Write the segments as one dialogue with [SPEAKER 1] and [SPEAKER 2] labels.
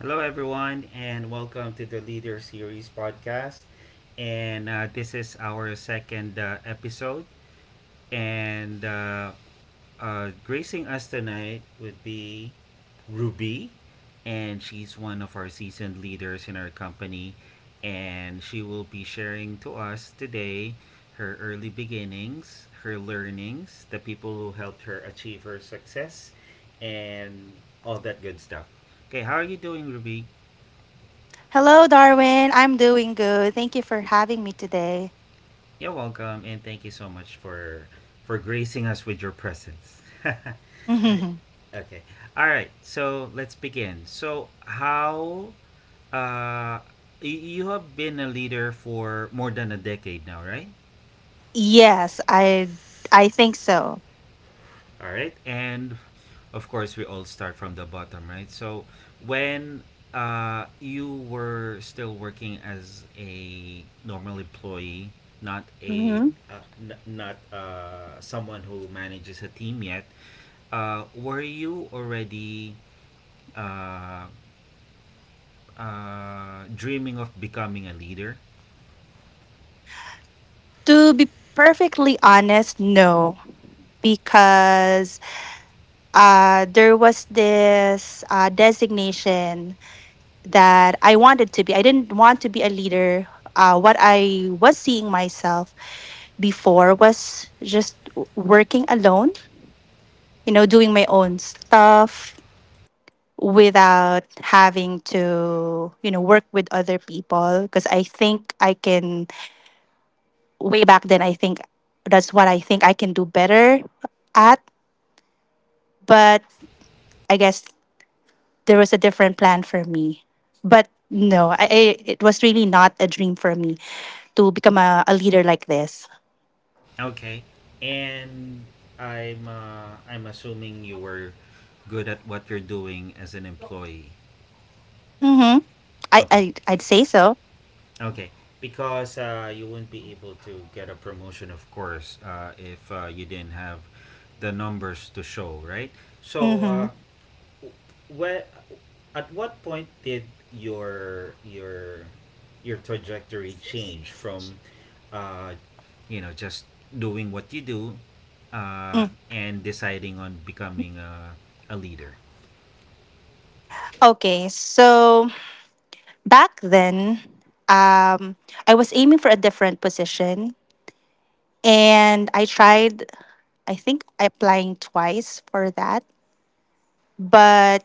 [SPEAKER 1] Hello, everyone, and welcome to the Leader Series podcast. And this is our second episode. And Gracing us tonight would be Ruby, and she's one of our seasoned leaders in our company. And she will be sharing to us today her early beginnings, her learnings, the people who helped her achieve her success, and all that good stuff. Okay, how are you doing, Ruby?
[SPEAKER 2] Hello, Darwin. I'm doing good. Thank you for having me today.
[SPEAKER 1] You're welcome, and thank you so much for gracing us with your presence. Okay,
[SPEAKER 2] Mhm.
[SPEAKER 1] all right. So let's begin. So uh, you have been a leader for more than a decade now, right?
[SPEAKER 2] Yes, I think so.
[SPEAKER 1] All right, and of course we all start from the bottom, right? So when, you were still working as a normal employee, not a
[SPEAKER 2] Mhm.
[SPEAKER 1] n- not someone who manages a team yet. Were you already uh, dreaming of becoming a leader?
[SPEAKER 2] To be perfectly honest, no, because there was this designation that I wanted to be. I didn't want to be a leader. What I was seeing myself before was just working alone, doing my own stuff, without having to work with other people because I think I can, way back then I think that's what I think I can do better at. But I guess there was a different plan for me, but no, I it was really not a dream for me to become a leader like this.
[SPEAKER 1] Okay, and I'm assuming you were good at what you're doing as an employee.
[SPEAKER 2] hmm I, I
[SPEAKER 1] Okay,
[SPEAKER 2] i'd say so.
[SPEAKER 1] okay, because you wouldn't be able to get a promotion, of course, if you didn't have the numbers to show, right? So uh,
[SPEAKER 2] hmm
[SPEAKER 1] Well, at what point did your your your trajectory change from, uh, you know, just doing what you do, and deciding on becoming a leader?
[SPEAKER 2] Okay, so back then, um, I was aiming for a different position. And I tried, I think, applying twice for that. But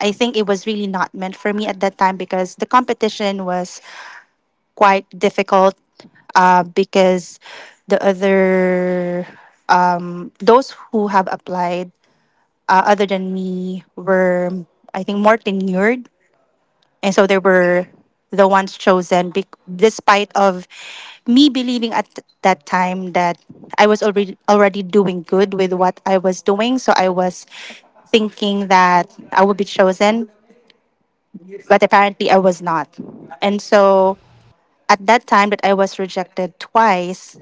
[SPEAKER 2] I think it was really not meant for me at that time, because the competition was quite difficult, because the other, those who have applied other than me were, I think, more tenured, and so they were the ones chosen, despite of me believing at that time that I was already doing good with what I was doing. So I was thinking that I would be chosen, but apparently I was not. And so at that time that I was rejected twice,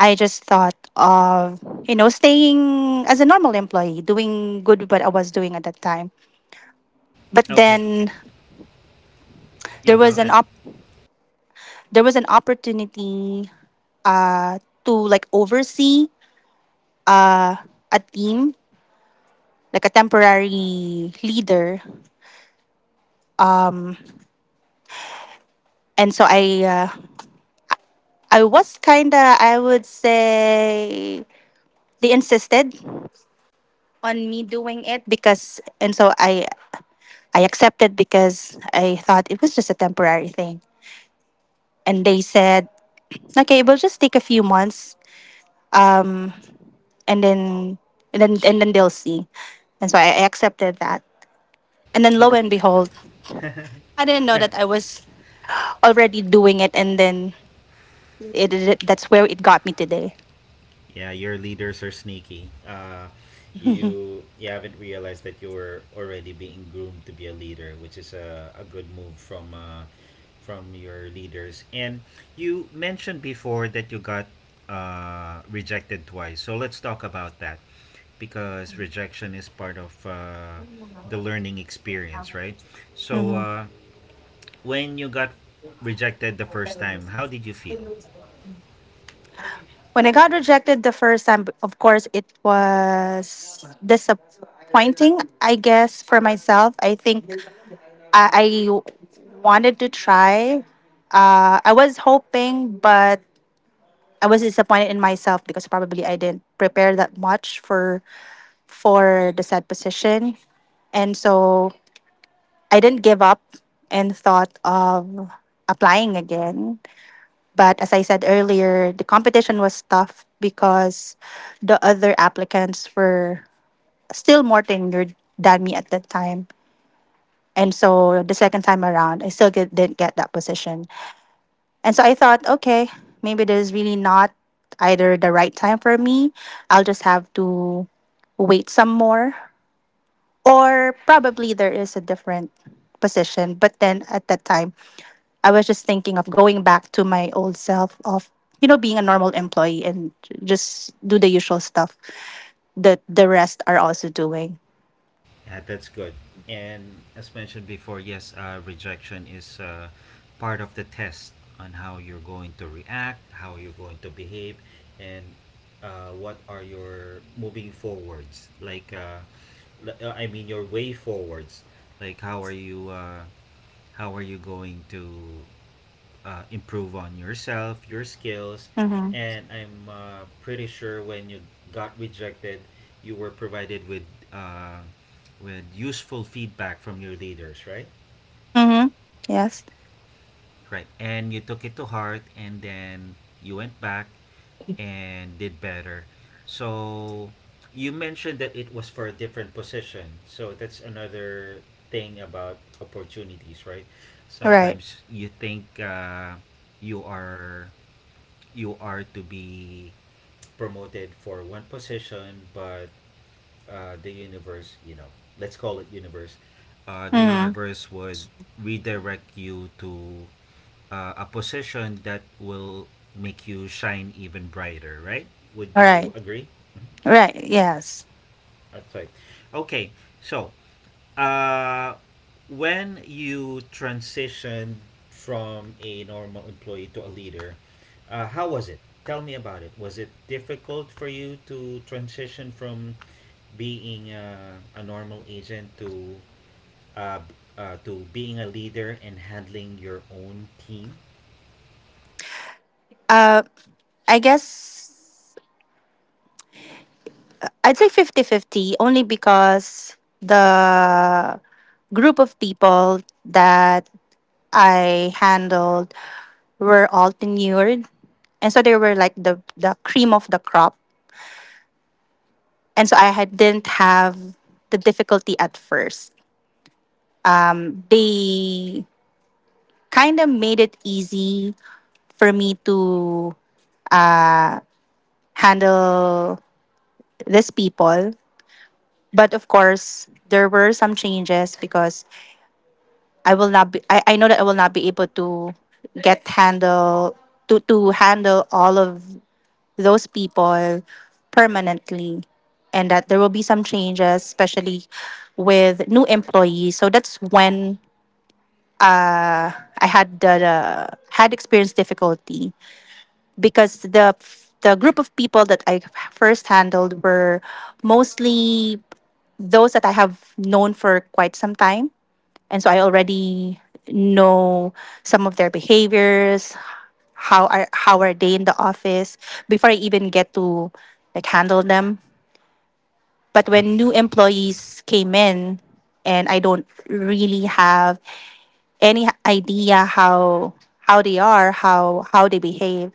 [SPEAKER 2] I just thought of staying as a normal employee, doing good with what I was doing at that time. But
[SPEAKER 1] Okay,
[SPEAKER 2] then
[SPEAKER 1] yeah,
[SPEAKER 2] there
[SPEAKER 1] go
[SPEAKER 2] was an
[SPEAKER 1] ahead.
[SPEAKER 2] op- there was an opportunity to like oversee a team, like a temporary leader. And so I was kind of, I would say, they insisted on me doing it, because and so I accepted because I thought it was just a temporary thing. And they said, "Okay, it will just take a few months, um and then and then they'll see." And so I accepted that. And then lo
[SPEAKER 1] Okay.
[SPEAKER 2] and behold, I didn't know that I was already doing it, and then it that's where it got me today.
[SPEAKER 1] Yeah, your leaders are sneaky. You haven't realized that you're already being groomed to be a leader, which is a good move from your leaders. And you mentioned before that you got rejected twice, so let's talk about that because rejection is part of the learning experience, right? So uh, when you got rejected the first time, how did you feel?
[SPEAKER 2] When I got rejected the first time, of course, it was disappointing. I guess for myself, I think I wanted to try. I was hoping, but I was disappointed in myself because probably I didn't prepare that much for the said position. And so I didn't give up, and thought of applying again. But as I said earlier, the competition was tough because the other applicants were still more tenured than me at that time. And so the second time around, I still didn't get that position. And so I thought, okay, maybe this is really not either the right time for me. I'll just have to wait some more. Or probably there is a different position. But then at that time, I was just thinking of going back to my old self of being a normal employee, and just do the usual stuff that the rest are also doing.
[SPEAKER 1] Yeah, that's good. And as mentioned before, yes, rejection is part of the test on how you're going to react, how you're going to behave, and what are your moving forwards. I mean, your way forwards. Like, how are you? How are you going to improve on yourself, your skills,
[SPEAKER 2] Mhm.
[SPEAKER 1] and I'm pretty sure when you got rejected, you were provided uh, with useful feedback from your leaders, right?
[SPEAKER 2] Mhm. Yes.
[SPEAKER 1] Right, and you took it to heart, and then you went back and did better. So you mentioned that it was for a different position, so that's another thing about opportunities, right?
[SPEAKER 2] Right.
[SPEAKER 1] Sometimes you think, you are you are to be promoted for one position, but the universe, you know, let's call it universe, the
[SPEAKER 2] Mhm.
[SPEAKER 1] universe would redirect you to a position that will make you shine even brighter, right? Would
[SPEAKER 2] All
[SPEAKER 1] you
[SPEAKER 2] right.
[SPEAKER 1] agree?
[SPEAKER 2] Right. Yes.
[SPEAKER 1] That's right. Okay, so Uh, when you transitioned from a normal employee to a leader, how was it? Tell me about it. Was it difficult for you to transition from being a normal agent to to being a leader and handling your own team?
[SPEAKER 2] Uh I guess I'd say fifty-fifty only because the group of people that I handled were all tenured, and so they were like the cream of the crop. And so I didn't have the difficulty at first. They kind of made it easy for me to handle these people. But of course, there were some changes because I know that I will not be able to get handle, to handle all of those people permanently, and that there will be some changes, especially with new employees. So that's when I had experienced difficulty, because the group of people that I first handled were mostly those that I have known for quite some time, and so I already know some of their behaviors, how are they in the office before I even get to like handle them. But when new employees came in, and I don't really have any idea how they are, how they behave.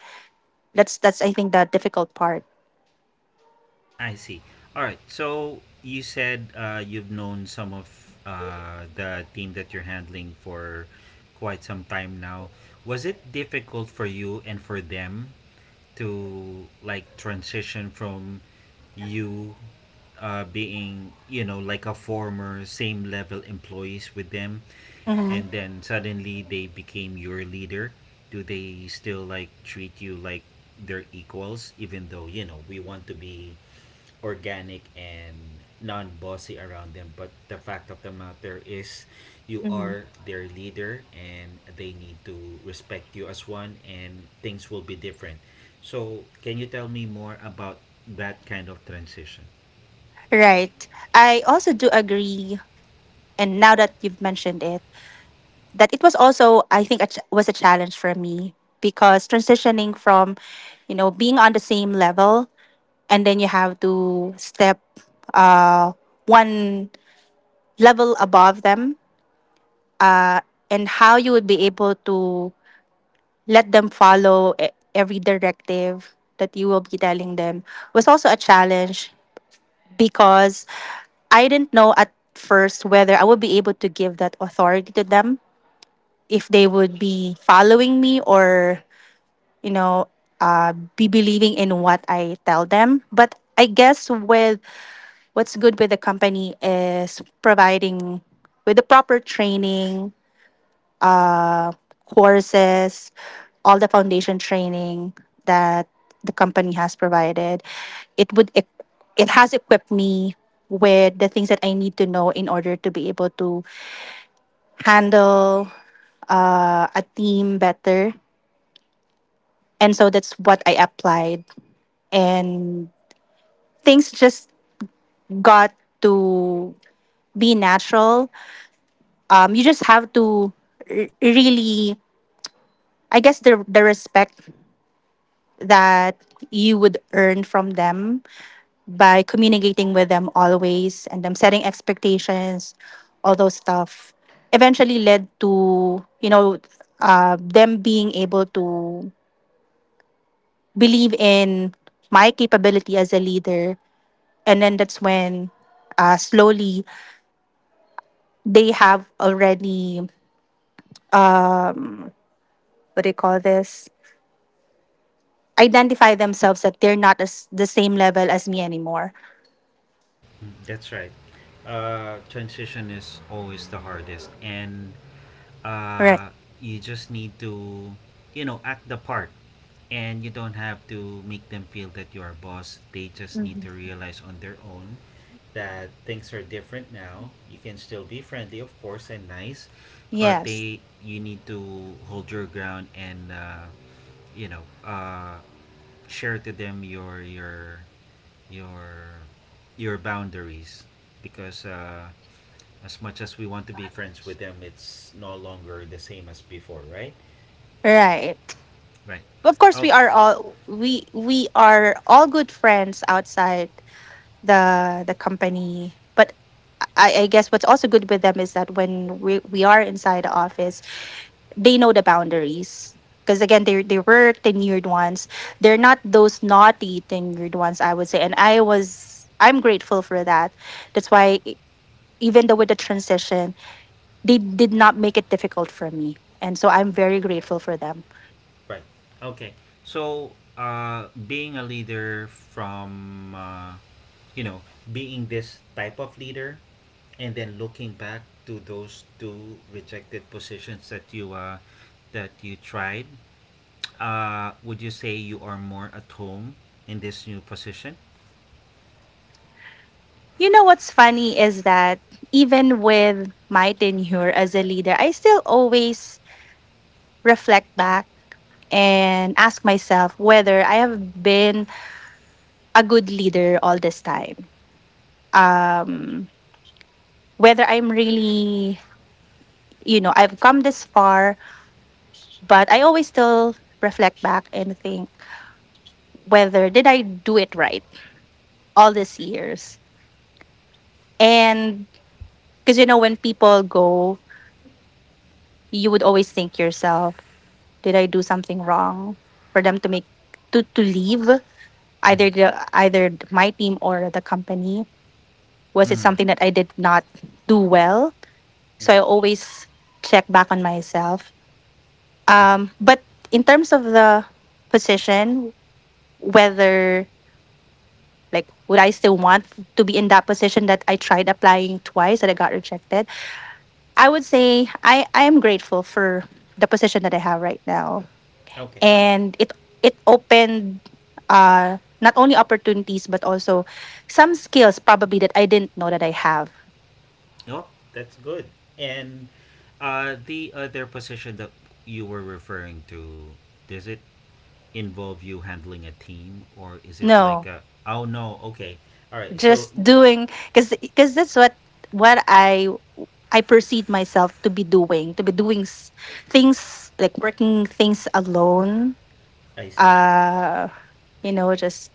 [SPEAKER 2] That's I think the difficult part.
[SPEAKER 1] I see. All right. So you said, you've known some of the team that you're handling for quite some time now. Was it difficult for you and for them to like transition from you being, you know, like a former same level employees with them,
[SPEAKER 2] Hmm.
[SPEAKER 1] and then suddenly they became your leader? Do they still like treat you like they're equals, even though, you know, we want to be organic and non-bossy around them, but the fact of the matter is you
[SPEAKER 2] Hmm.
[SPEAKER 1] are their leader and they need to respect you as one and things will be different. So can you tell me more about that kind of transition?
[SPEAKER 2] Right. I also do agree, and now that you've mentioned it, that it was also, I think, it was a challenge for me, because transitioning from, you know, being on the same level, and then you have to step uh, one level above them, and how you would be able to let them follow every directive that you will be telling them, was also a challenge because I didn't know at first whether I would be able to give that authority to them, if they would be following me, or, you know, be believing in what I tell them. But I guess with what's good with the company is providing with the proper training courses, all the foundation training that the company has provided. It would eq- it has equipped me with the things that I need to know in order to be able to handle a team better. And so that's what I applied, and things just got to be natural. You just have to really, I guess, the respect that you would earn from them by communicating with them always and them setting expectations, all those stuff, eventually led to, them being able to believe in my capability as a leader. And then that's when slowly they have already, what do you call this? Identify themselves that they're not as the same level as me anymore.
[SPEAKER 1] Mm, that's right. Transition is always the hardest, and
[SPEAKER 2] Right.
[SPEAKER 1] uh, you just need to, you know, act the part, and you don't have to make them feel that you are boss. They just need to realize on their own that things are different now. You can still be friendly, of course, and nice, but
[SPEAKER 2] Yes.
[SPEAKER 1] they you need to hold your ground and, you know, share to them your your boundaries, because as much as we want to be friends with them, it's no longer the same as before, right?
[SPEAKER 2] Right.
[SPEAKER 1] Right.
[SPEAKER 2] Of course,
[SPEAKER 1] Oh,
[SPEAKER 2] we are all good friends outside the company. But I guess what's also good with them is that when we are inside the office, they know the boundaries. Because again, they were tenured ones. They're not those naughty tenured ones, I would say. And I'm grateful for that. That's why even though with the transition, they did not make it difficult for me. And so I'm very grateful for them.
[SPEAKER 1] right. Okay. So, being a leader from, you know, being this type of leader, and then looking back to those two rejected positions that that you tried, would you say you are more at home in this new position?
[SPEAKER 2] You know what's funny is that even with my tenure as a leader, I still always reflect back and ask myself whether I have been a good leader all this time. Whether I'm really, I've come this far, but I always still reflect back and think, whether did I do it right all these years. And because when people go, you would always think yourself, did I do something wrong for them to make to leave either
[SPEAKER 1] Mhm.
[SPEAKER 2] the either my team or the company? Was it
[SPEAKER 1] Mm.
[SPEAKER 2] something that I did not do well? So I always check back on myself. But in terms of the position, whether like would I still want to be in that position that I tried applying twice that I got rejected? I would say I am grateful for the position that I have right now,
[SPEAKER 1] Okay.
[SPEAKER 2] and it opened not only opportunities but also some skills probably that I didn't know that I have.
[SPEAKER 1] No, that's good. And the other position that you were referring to, does it involve you handling a team, or is it like
[SPEAKER 2] No,
[SPEAKER 1] a, oh no, okay. All right. So
[SPEAKER 2] just doing cuz that's what I perceive myself to be doing things like working things alone,
[SPEAKER 1] I see.
[SPEAKER 2] just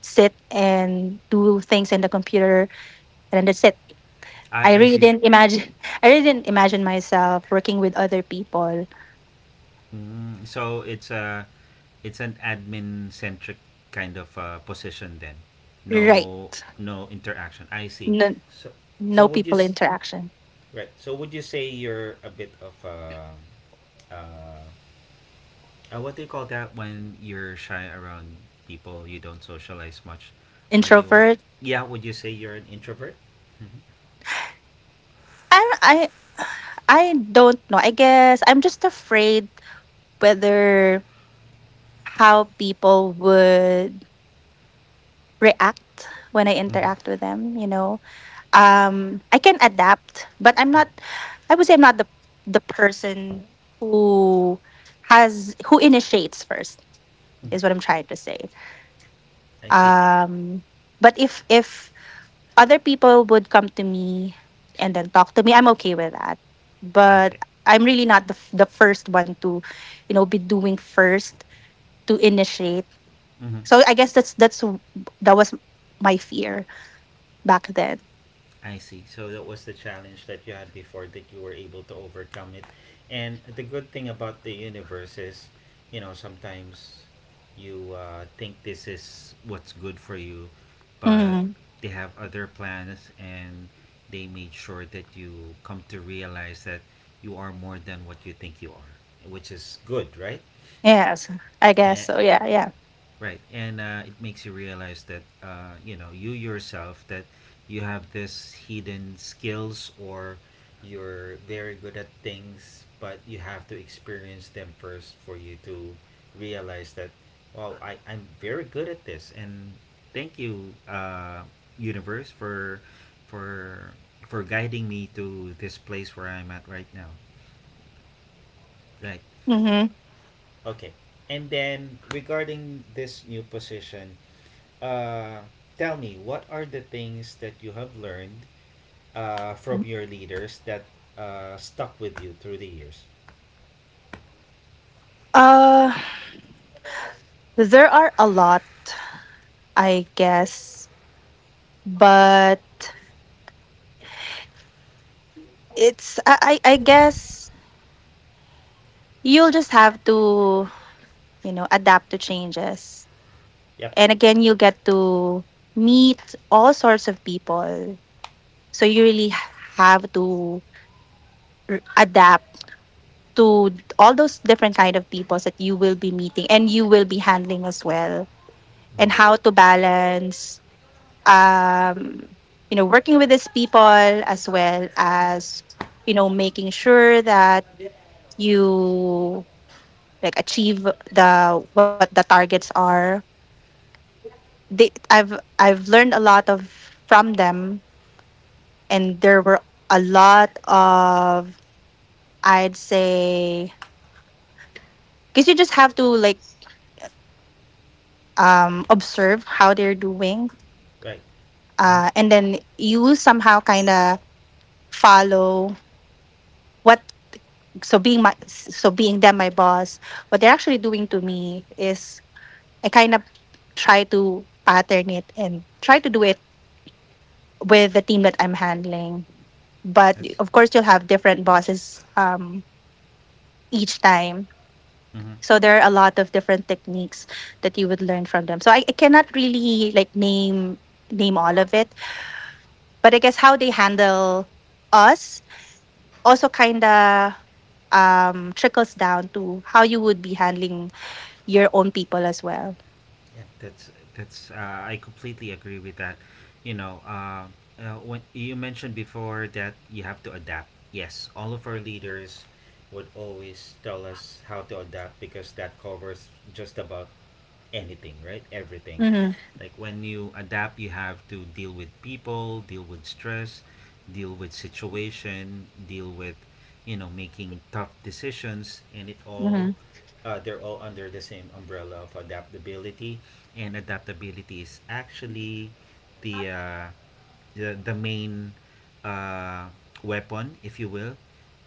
[SPEAKER 2] sit and do things in the computer, and then that's it. I
[SPEAKER 1] I
[SPEAKER 2] really
[SPEAKER 1] see.
[SPEAKER 2] didn't imagine I really didn't imagine myself working with other people.
[SPEAKER 1] Mm, so it's a, it's an admin centric kind of position, then.
[SPEAKER 2] Right.
[SPEAKER 1] No, no interaction. I see.
[SPEAKER 2] No.
[SPEAKER 1] So, so
[SPEAKER 2] No
[SPEAKER 1] would you,
[SPEAKER 2] people
[SPEAKER 1] s-
[SPEAKER 2] interaction.
[SPEAKER 1] right. So would you say you're a bit of a, uh, what do you call that when you're shy around people, you don't socialize much? Are you,
[SPEAKER 2] Introvert.
[SPEAKER 1] yeah, would you say you're an introvert? Mm-hmm.
[SPEAKER 2] I I I don't know. I guess I'm just afraid whether how people would react when I
[SPEAKER 1] Mm-hmm.
[SPEAKER 2] interact with them. I can adapt, but I would say I'm not the person who who initiates first, is what I'm trying to say.
[SPEAKER 1] I see.
[SPEAKER 2] But if other people would come to me and then talk to me, I'm okay with that. But
[SPEAKER 1] Okay.
[SPEAKER 2] I'm really not the first one to be doing first, to initiate.
[SPEAKER 1] Mm-hmm.
[SPEAKER 2] So I guess that was my fear back then.
[SPEAKER 1] I see. So that was the challenge that you had before that you were able to overcome it. And the good thing about the universe is, you know, sometimes you think this is what's good for you, but
[SPEAKER 2] Hmm.
[SPEAKER 1] they have other plans, and they made sure that you come to realize that you are more than what you think you are, which is good, right?
[SPEAKER 2] Yes, I guess so. Yeah, yeah.
[SPEAKER 1] Right, and it makes you realize that, you know, you yourself, that you have this hidden skills, or you're very good at things, but you have to experience them first for you to realize that, well, I'm very good at this, and thank you, universe, for for guiding me to this place where I'm at right now. Right.
[SPEAKER 2] Hmm.
[SPEAKER 1] Okay. And then regarding this new position, Uh, tell me, what are the things that you have learned from your leaders that stuck with you through the years?
[SPEAKER 2] Uh, there are a lot, I guess, but it's I guess you'll just have to adapt to changes.
[SPEAKER 1] Yep,
[SPEAKER 2] And again, you get to meet all sorts of people. So you really have to adapt to all those different kind of people that you will be meeting and you will be handling as well, and how to balance um, you know working with these people as well as you know making sure that you achieve the what the targets are. They i've i've learned a lot of from them, and there were a lot of, I'd say, because you just have to like, observe how they're doing.
[SPEAKER 1] right. Hmm.
[SPEAKER 2] And then you somehow kind of follow what, so being them my boss, what they're actually doing to me is I kind of try to pattern it and try to do it with the team that I'm handling. But
[SPEAKER 1] That's
[SPEAKER 2] of course you'll have different bosses each time.
[SPEAKER 1] hmm
[SPEAKER 2] So there are a lot of different techniques that you would learn from them. So I cannot really like name all of it, but I guess how they handle us also kind of trickles down to how you would be handling your own people as well.
[SPEAKER 1] Yeah, that's I completely agree with that. You know, when you mentioned before that you have to adapt. Yes, all of our leaders would always tell us how to adapt, because that covers just about anything, right? Everything.
[SPEAKER 2] Mm-hmm.
[SPEAKER 1] Like when you adapt, you have to deal with people, deal with stress, deal with situation, deal with, you know, making tough decisions, and it all,
[SPEAKER 2] Mm-hmm.
[SPEAKER 1] they're all under the same umbrella of adaptability. And adaptability is actually the, the main, uh, weapon, if you will,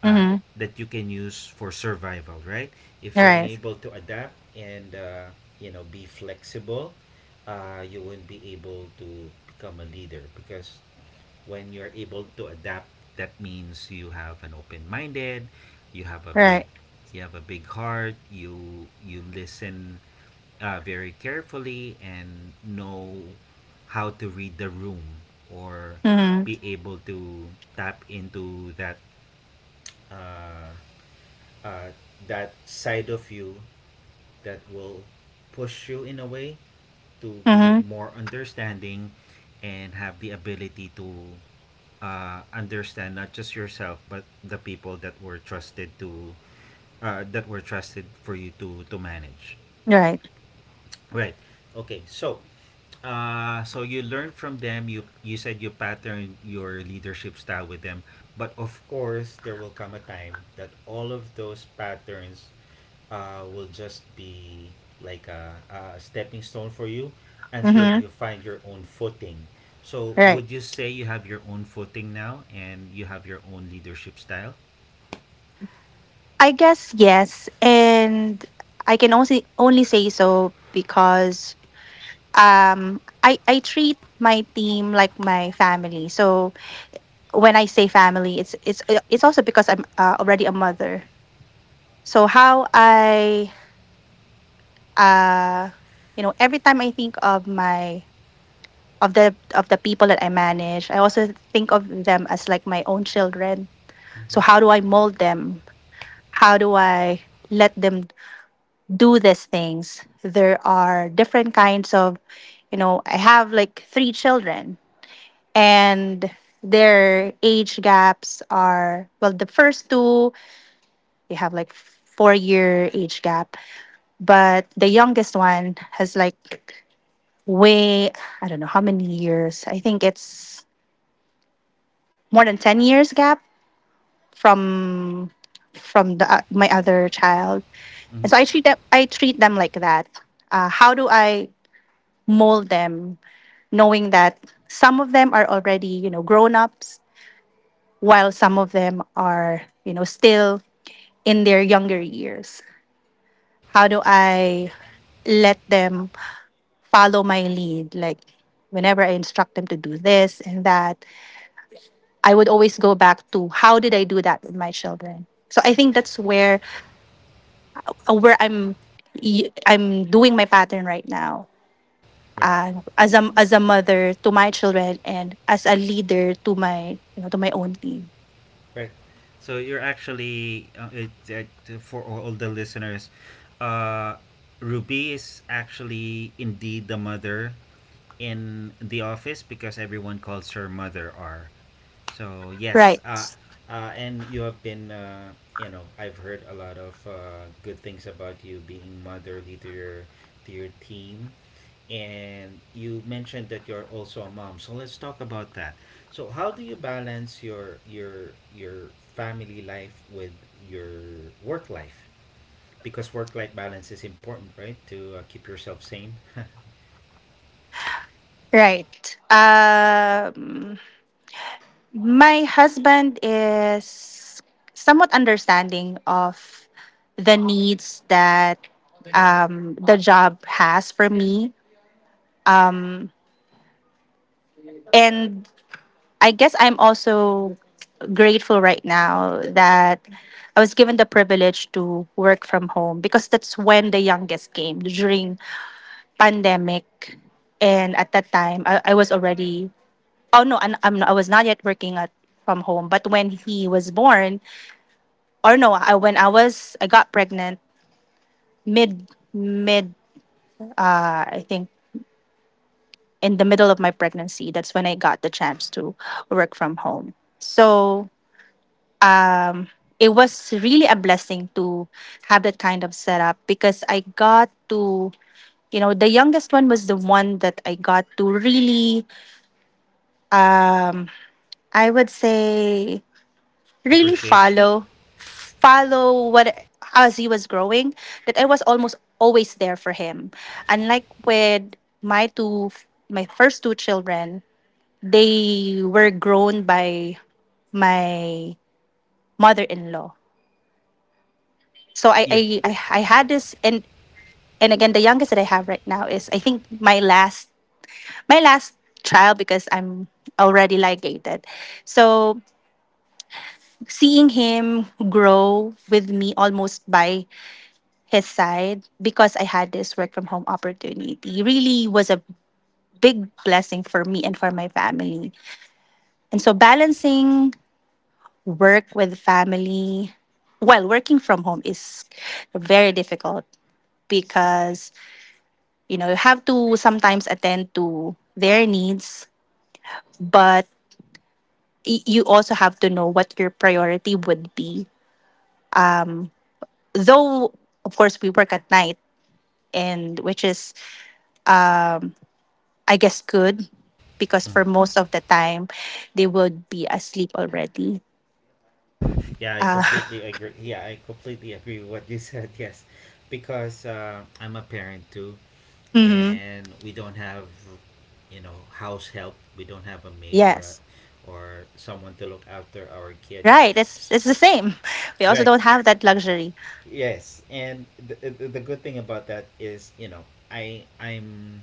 [SPEAKER 2] Mm-hmm.
[SPEAKER 1] that you can use for survival, right? If you're
[SPEAKER 2] Right.
[SPEAKER 1] unable to adapt and, you know, be flexible, you won't be able to become a leader, because when you're able to adapt, that means you have an open-minded, you have a big,
[SPEAKER 2] Right.
[SPEAKER 1] you have a big heart, you listen very carefully and know how to read the room, or
[SPEAKER 2] Mm-hmm.
[SPEAKER 1] be able to tap into that, uh, uh, that side of you that will push you in a way to be
[SPEAKER 2] Mm-hmm.
[SPEAKER 1] more understanding, and have the ability to understand not just yourself but the people that were trusted to, that were trusted for you to manage,
[SPEAKER 2] Right.
[SPEAKER 1] right? Okay, so, so you learn from them. You said you pattern your leadership style with them, but of course there will come a time that all of those patterns will just be like a stepping stone for you until
[SPEAKER 2] Mm-hmm.
[SPEAKER 1] you find your own footing. So
[SPEAKER 2] Right.
[SPEAKER 1] would you say you have your own footing now and you have your own leadership style?
[SPEAKER 2] I guess yes, and I can only say so because I treat my team like my family. So when I say family, it's also because I'm already a mother. So how I, uh you know, every time I think of my of the people that I manage, I also think of them as like my own children. So how do I mold them? How do I let them do these things? There are different kinds of, you know, I have like 3 children, and their age gaps are, well, the first two they have like 4 year age gap, but the youngest one has like, way, I don't know how many years, I think it's more than 10 years gap from my other child. And so
[SPEAKER 1] Hmm.
[SPEAKER 2] I treat them like that. How do I mold them, knowing that some of them are already, you know, grown ups, while some of them are, you know, still in their younger years? How do I let them follow my lead? Like, whenever I instruct them to do this and that, I would always go back to: how did I do that with my children? So I think that's where, uh, where I'm I'm doing my pattern right now.
[SPEAKER 1] Right.
[SPEAKER 2] As a mother to my children and as a leader to my you know to my own team.
[SPEAKER 1] Right. So you're actually, for all the listeners, uh, Ruby is actually indeed the mother in the office, because everyone calls her Mother R. So yes,
[SPEAKER 2] Right.
[SPEAKER 1] and you have been, you know, I've heard a lot of good things about you being motherly to your team, and you mentioned that you're also a mom, so let's talk about that. So how do you balance your family life with your work life, because work life balance is important, right, to keep yourself sane?
[SPEAKER 2] Right. Um, my husband is somewhat understanding of the needs that the job has for me. And I guess I'm also grateful right now that I was given the privilege to work from home because that's when the youngest came during pandemic. And at that time, I was already, oh no, I was not yet working at from home. But when he was born, or no, when I was, I got pregnant mid mid, I think in the middle of my pregnancy. That's when I got the chance to work from home. So um, it was really a blessing to have that kind of setup because I got to, you know, the youngest one was the one that I got to really, I would say, really
[SPEAKER 1] Appreciate.
[SPEAKER 2] follow follow what, as he was growing, that I was almost always there for him. Unlike with my two my first two children, they were grown by my mother-in-law. So
[SPEAKER 1] Yeah,
[SPEAKER 2] I had this. And again, the youngest that I have right now is I think my last, my last child because I'm already ligated. So seeing him grow with me almost by his side, because I had this work from home opportunity, really was a big blessing for me and for my family. And so balancing work with family while working from home is very difficult because, you know, you have to sometimes attend to their needs, but you also have to know what your priority would be, though of course we work at night, and which is, I guess, good because for most of the time they would be asleep already.
[SPEAKER 1] yeah, I completely agree. Yeah, I completely agree with what you said. Yes, because I'm a parent too,
[SPEAKER 2] Hmm.
[SPEAKER 1] and we don't have, you know, house help, we don't have a maid, or
[SPEAKER 2] Yes.
[SPEAKER 1] or someone to look after our kid.
[SPEAKER 2] Right. It's the same. We also
[SPEAKER 1] Right.
[SPEAKER 2] don't have that luxury.
[SPEAKER 1] Yes. And the good thing about that is, you know, I I'm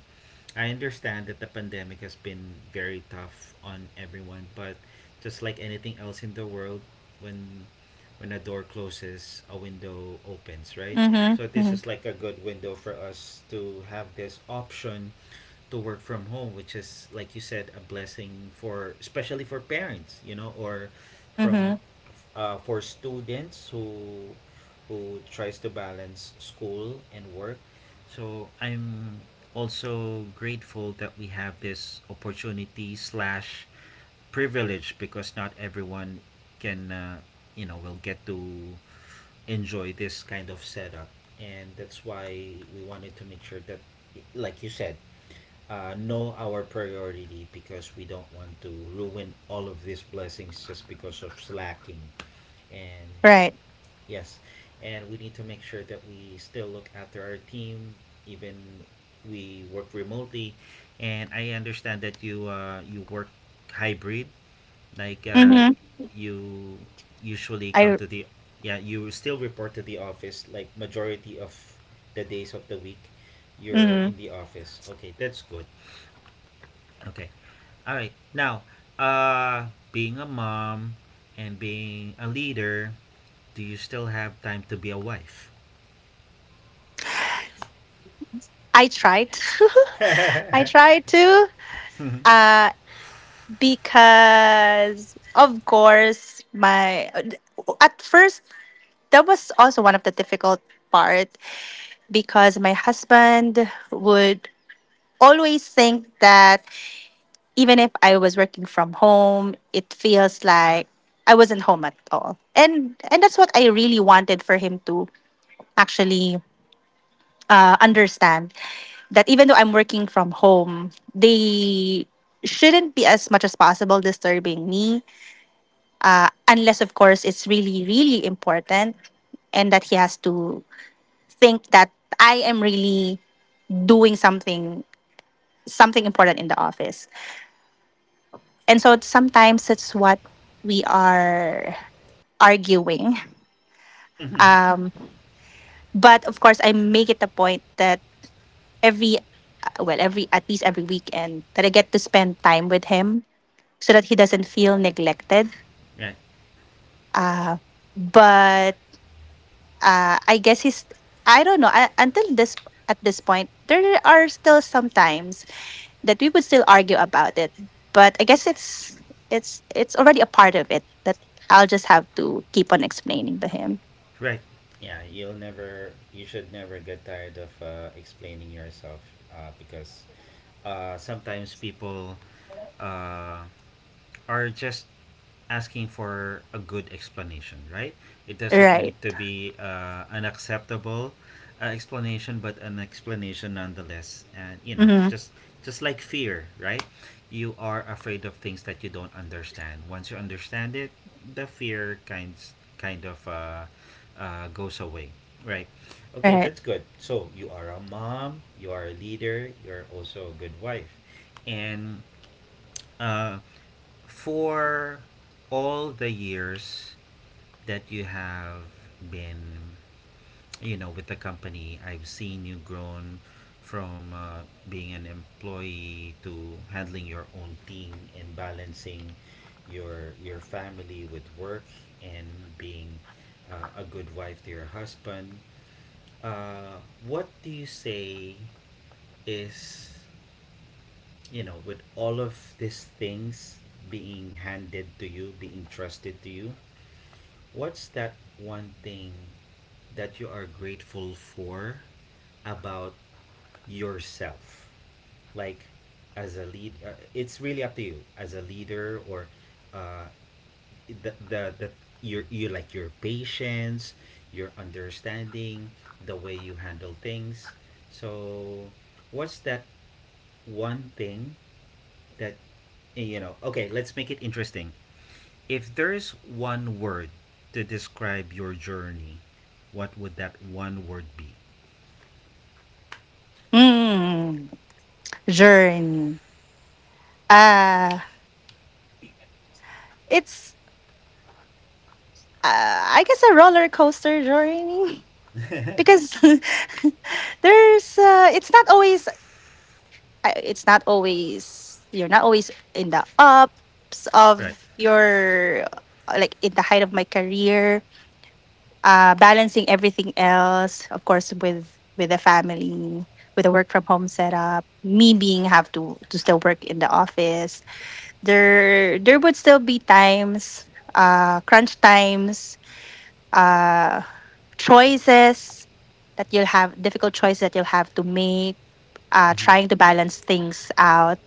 [SPEAKER 1] I understand that the pandemic has been very tough on everyone, but just like anything else in the world, when when a door closes, a window opens, right?
[SPEAKER 2] Hmm.
[SPEAKER 1] So this
[SPEAKER 2] Hmm.
[SPEAKER 1] is like a good window for us to have this option to work from home, which is like you said, a blessing for especially for parents, you know, or from
[SPEAKER 2] Hmm.
[SPEAKER 1] for students who tries to balance school and work. So I'm also grateful that we have this opportunity slash privilege because not everyone can you know will get to enjoy this kind of setup, and that's why we wanted to make sure that, like you said, know our priority, because we don't want to ruin all of these blessings just because of slacking. And
[SPEAKER 2] Right.
[SPEAKER 1] yes, and we need to make sure that we still look after our team, even we work remotely. And I understand that you you work hybrid, like uh,
[SPEAKER 2] Hmm.
[SPEAKER 1] you usually come
[SPEAKER 2] I
[SPEAKER 1] to the, yeah, you still report to the office like majority of the days of the week, you're
[SPEAKER 2] mhm.
[SPEAKER 1] in the office. Okay, that's good. Okay, all right. Now, uh, being a mom and being a leader, do you still have time to be a wife?
[SPEAKER 2] I tried. I tried to, uh, because of course my, at first that was also one of the difficult part, because my husband would always think that even if I was working from home, it feels like I wasn't home at all. And that's what I really wanted for him to actually understand that even though I'm working from home, they shouldn't be, as much as possible, disturbing me unless of course it's really really important, and that he has to think that I am really doing something, something important in the office. And so sometimes it's what we are arguing. But of course, I make it a point that every, at least every weekend, that I get to spend time with him so that he doesn't feel neglected.
[SPEAKER 1] Right.
[SPEAKER 2] But I guess he's, I don't know, until this, at this point, there are still some times that we would still argue about it. But I guess it's already a part of it that I'll just have to keep on explaining to him.
[SPEAKER 1] Right. Yeah, you'll never, you should never get tired of explaining yourself, because sometimes people uh, are just asking for a good explanation, right? It doesn't
[SPEAKER 2] Right.
[SPEAKER 1] need to be an acceptable explanation, but an explanation nonetheless. And you know,
[SPEAKER 2] Mm-hmm.
[SPEAKER 1] just like fear, right? You are afraid of things that you don't understand. Once you understand it, the fear kind of goes away, right? Okay,
[SPEAKER 2] Right.
[SPEAKER 1] that's good. So you are a mom, you are a leader, you're also a good wife, and uh, for all the years that you have been, you know, with the company, I've seen you grown from being an employee to handling your own team and balancing your family with work and being a good wife to your husband. What do you say is, you know, with all of these things being handed to you, being trusted to you, what's that one thing that you are grateful for about yourself? Like, as a lead, it's really up to you as a leader or uh, the your, you like your patience, your understanding, the way you handle things. So, what's that one thing that you know, okay, let's make it interesting. If there's one word to describe your journey, what would that one word be?
[SPEAKER 2] Mm. Journey. Uh, it's, I guess, a roller coaster journey because there's, it's not always, I- it's not always, you're not always in the ups
[SPEAKER 1] Right.
[SPEAKER 2] of your, like, in the height of my career, balancing everything else, of course, with the family, with the work from home setup, me being have to still work in the office. There would still be times, crunch times, uh, choices that you'll have, difficult choices that you'll have to make,
[SPEAKER 1] Mm-hmm.
[SPEAKER 2] trying to balance things out.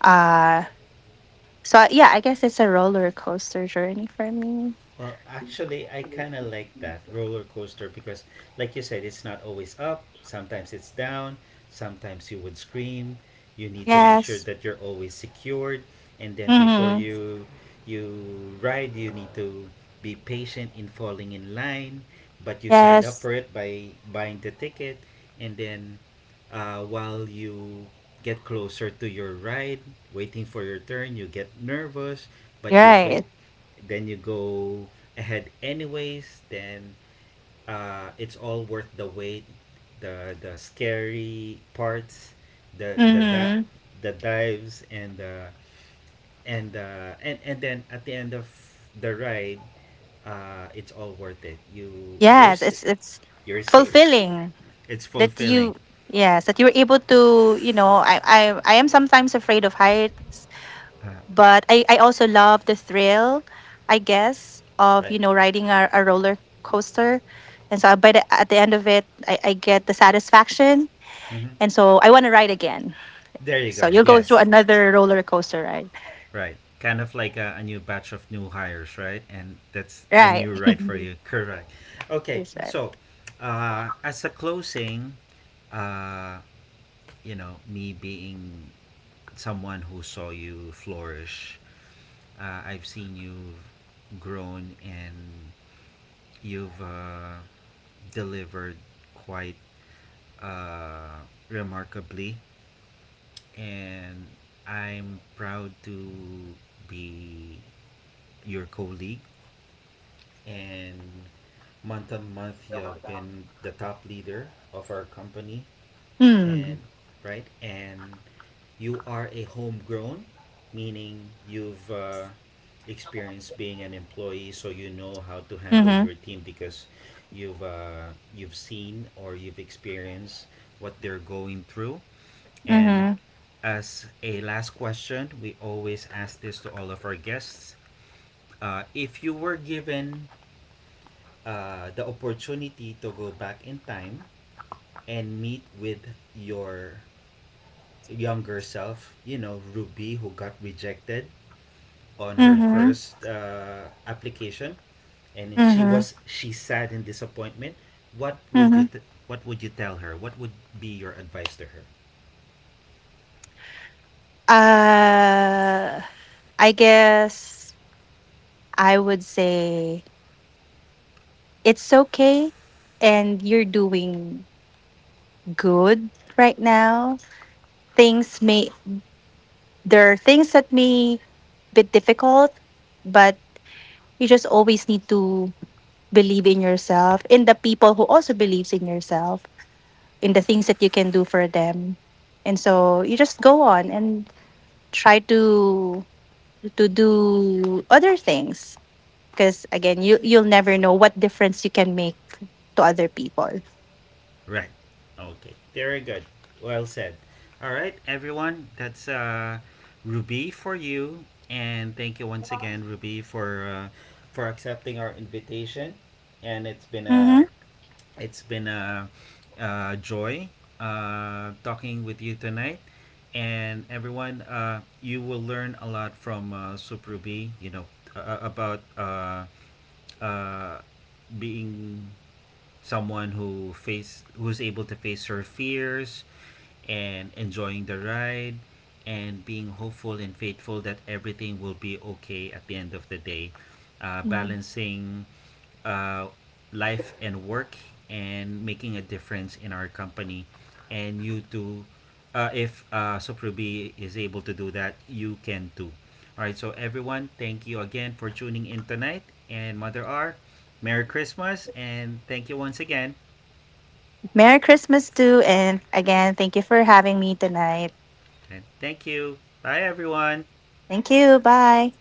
[SPEAKER 2] Uh, so, yeah, I guess it's a roller coaster journey for me.
[SPEAKER 1] Well, actually, I kind of like that roller coaster because, like you said, it's not always up. Sometimes it's down. Sometimes you would scream. You need to make sure
[SPEAKER 2] Yes.
[SPEAKER 1] that you're always secured, and then before
[SPEAKER 2] Mm-hmm.
[SPEAKER 1] you you ride, you need to be patient in falling in line. But you signed up
[SPEAKER 2] Yes.
[SPEAKER 1] for it by buying the ticket, and then while you get closer to your ride, waiting for your turn, you get nervous,
[SPEAKER 2] You're
[SPEAKER 1] but you go,
[SPEAKER 2] right.
[SPEAKER 1] then you go ahead anyways. Then it's all worth the wait, the scary parts, the that,
[SPEAKER 2] Mm-hmm.
[SPEAKER 1] the dives and the and then at the end of the ride, it's all worth it. You you're
[SPEAKER 2] Yes.
[SPEAKER 1] sa-
[SPEAKER 2] It's
[SPEAKER 1] you're safe.
[SPEAKER 2] fulfilling
[SPEAKER 1] It's
[SPEAKER 2] that
[SPEAKER 1] fulfilling.
[SPEAKER 2] you, yes, that you were able to, you know, I am sometimes afraid of heights,
[SPEAKER 1] uh,
[SPEAKER 2] but I also love the thrill, I guess, of, you
[SPEAKER 1] right.
[SPEAKER 2] know, riding a roller coaster. And so, at the end of it, I get the satisfaction,
[SPEAKER 1] Hmm.
[SPEAKER 2] and so I want to ride again.
[SPEAKER 1] There you
[SPEAKER 2] So
[SPEAKER 1] go.
[SPEAKER 2] you'll go through
[SPEAKER 1] Yes.
[SPEAKER 2] another roller coaster ride.
[SPEAKER 1] Right. Kind of like a new batch of new hires, right? And that's a
[SPEAKER 2] Right.
[SPEAKER 1] new right for you. Correct. Okay.
[SPEAKER 2] That's right.
[SPEAKER 1] So, as a closing, uh, you know, me being someone who saw you flourish, I've seen you grown and you've delivered quite uh, remarkably. And I'm proud to be your colleague, and month on month you have been the top leader of our company.
[SPEAKER 2] Mm.
[SPEAKER 1] And right, and you are a homegrown, meaning you've experienced being an employee, so you know how to handle
[SPEAKER 2] Mm-hmm.
[SPEAKER 1] your team because you've uh, you've seen or you've experienced what they're going through. And
[SPEAKER 2] Mm-hmm.
[SPEAKER 1] as a last question, we always ask this to all of our guests, if you were given the opportunity to go back in time and meet with your younger self, you know, Ruby, who got rejected on her
[SPEAKER 2] Mm-hmm.
[SPEAKER 1] first application, and then she
[SPEAKER 2] Mm-hmm.
[SPEAKER 1] was she sad in disappointment. What would you
[SPEAKER 2] Mm-hmm.
[SPEAKER 1] t- What would you tell her? What would be your advice to her?
[SPEAKER 2] uh I guess I would say it's okay, and you're doing good right now. Things may, there are things that may be difficult, but you just always need to believe in yourself, in the people who also believes in yourself, in the things that you can do for them. And so you just go on and try to do other things, because again, you you'll never know what difference you can make to other people.
[SPEAKER 1] Right. Okay. Very good. Well said. All right, everyone. That's Ruby for you, and thank you once again, Ruby, for accepting our invitation. And it's been
[SPEAKER 2] Mhm.
[SPEAKER 1] a It's been a joy talking with you tonight. And everyone, you will learn a lot from Suprubi, you know, about uh, being someone who face who's able to face her fears, and enjoying the ride, and being hopeful and faithful that everything will be okay at the end of the day.
[SPEAKER 2] Mhm.
[SPEAKER 1] Balancing uh, life and work, and making a difference in our company. And you too, if Soprubi is able to do that, you can too. All right, so everyone, thank you again for tuning in tonight. And Mother R, Merry Christmas and thank you once again.
[SPEAKER 2] Merry Christmas too, and again, thank you for having me tonight.
[SPEAKER 1] And thank you. Bye, everyone.
[SPEAKER 2] Thank you. Bye.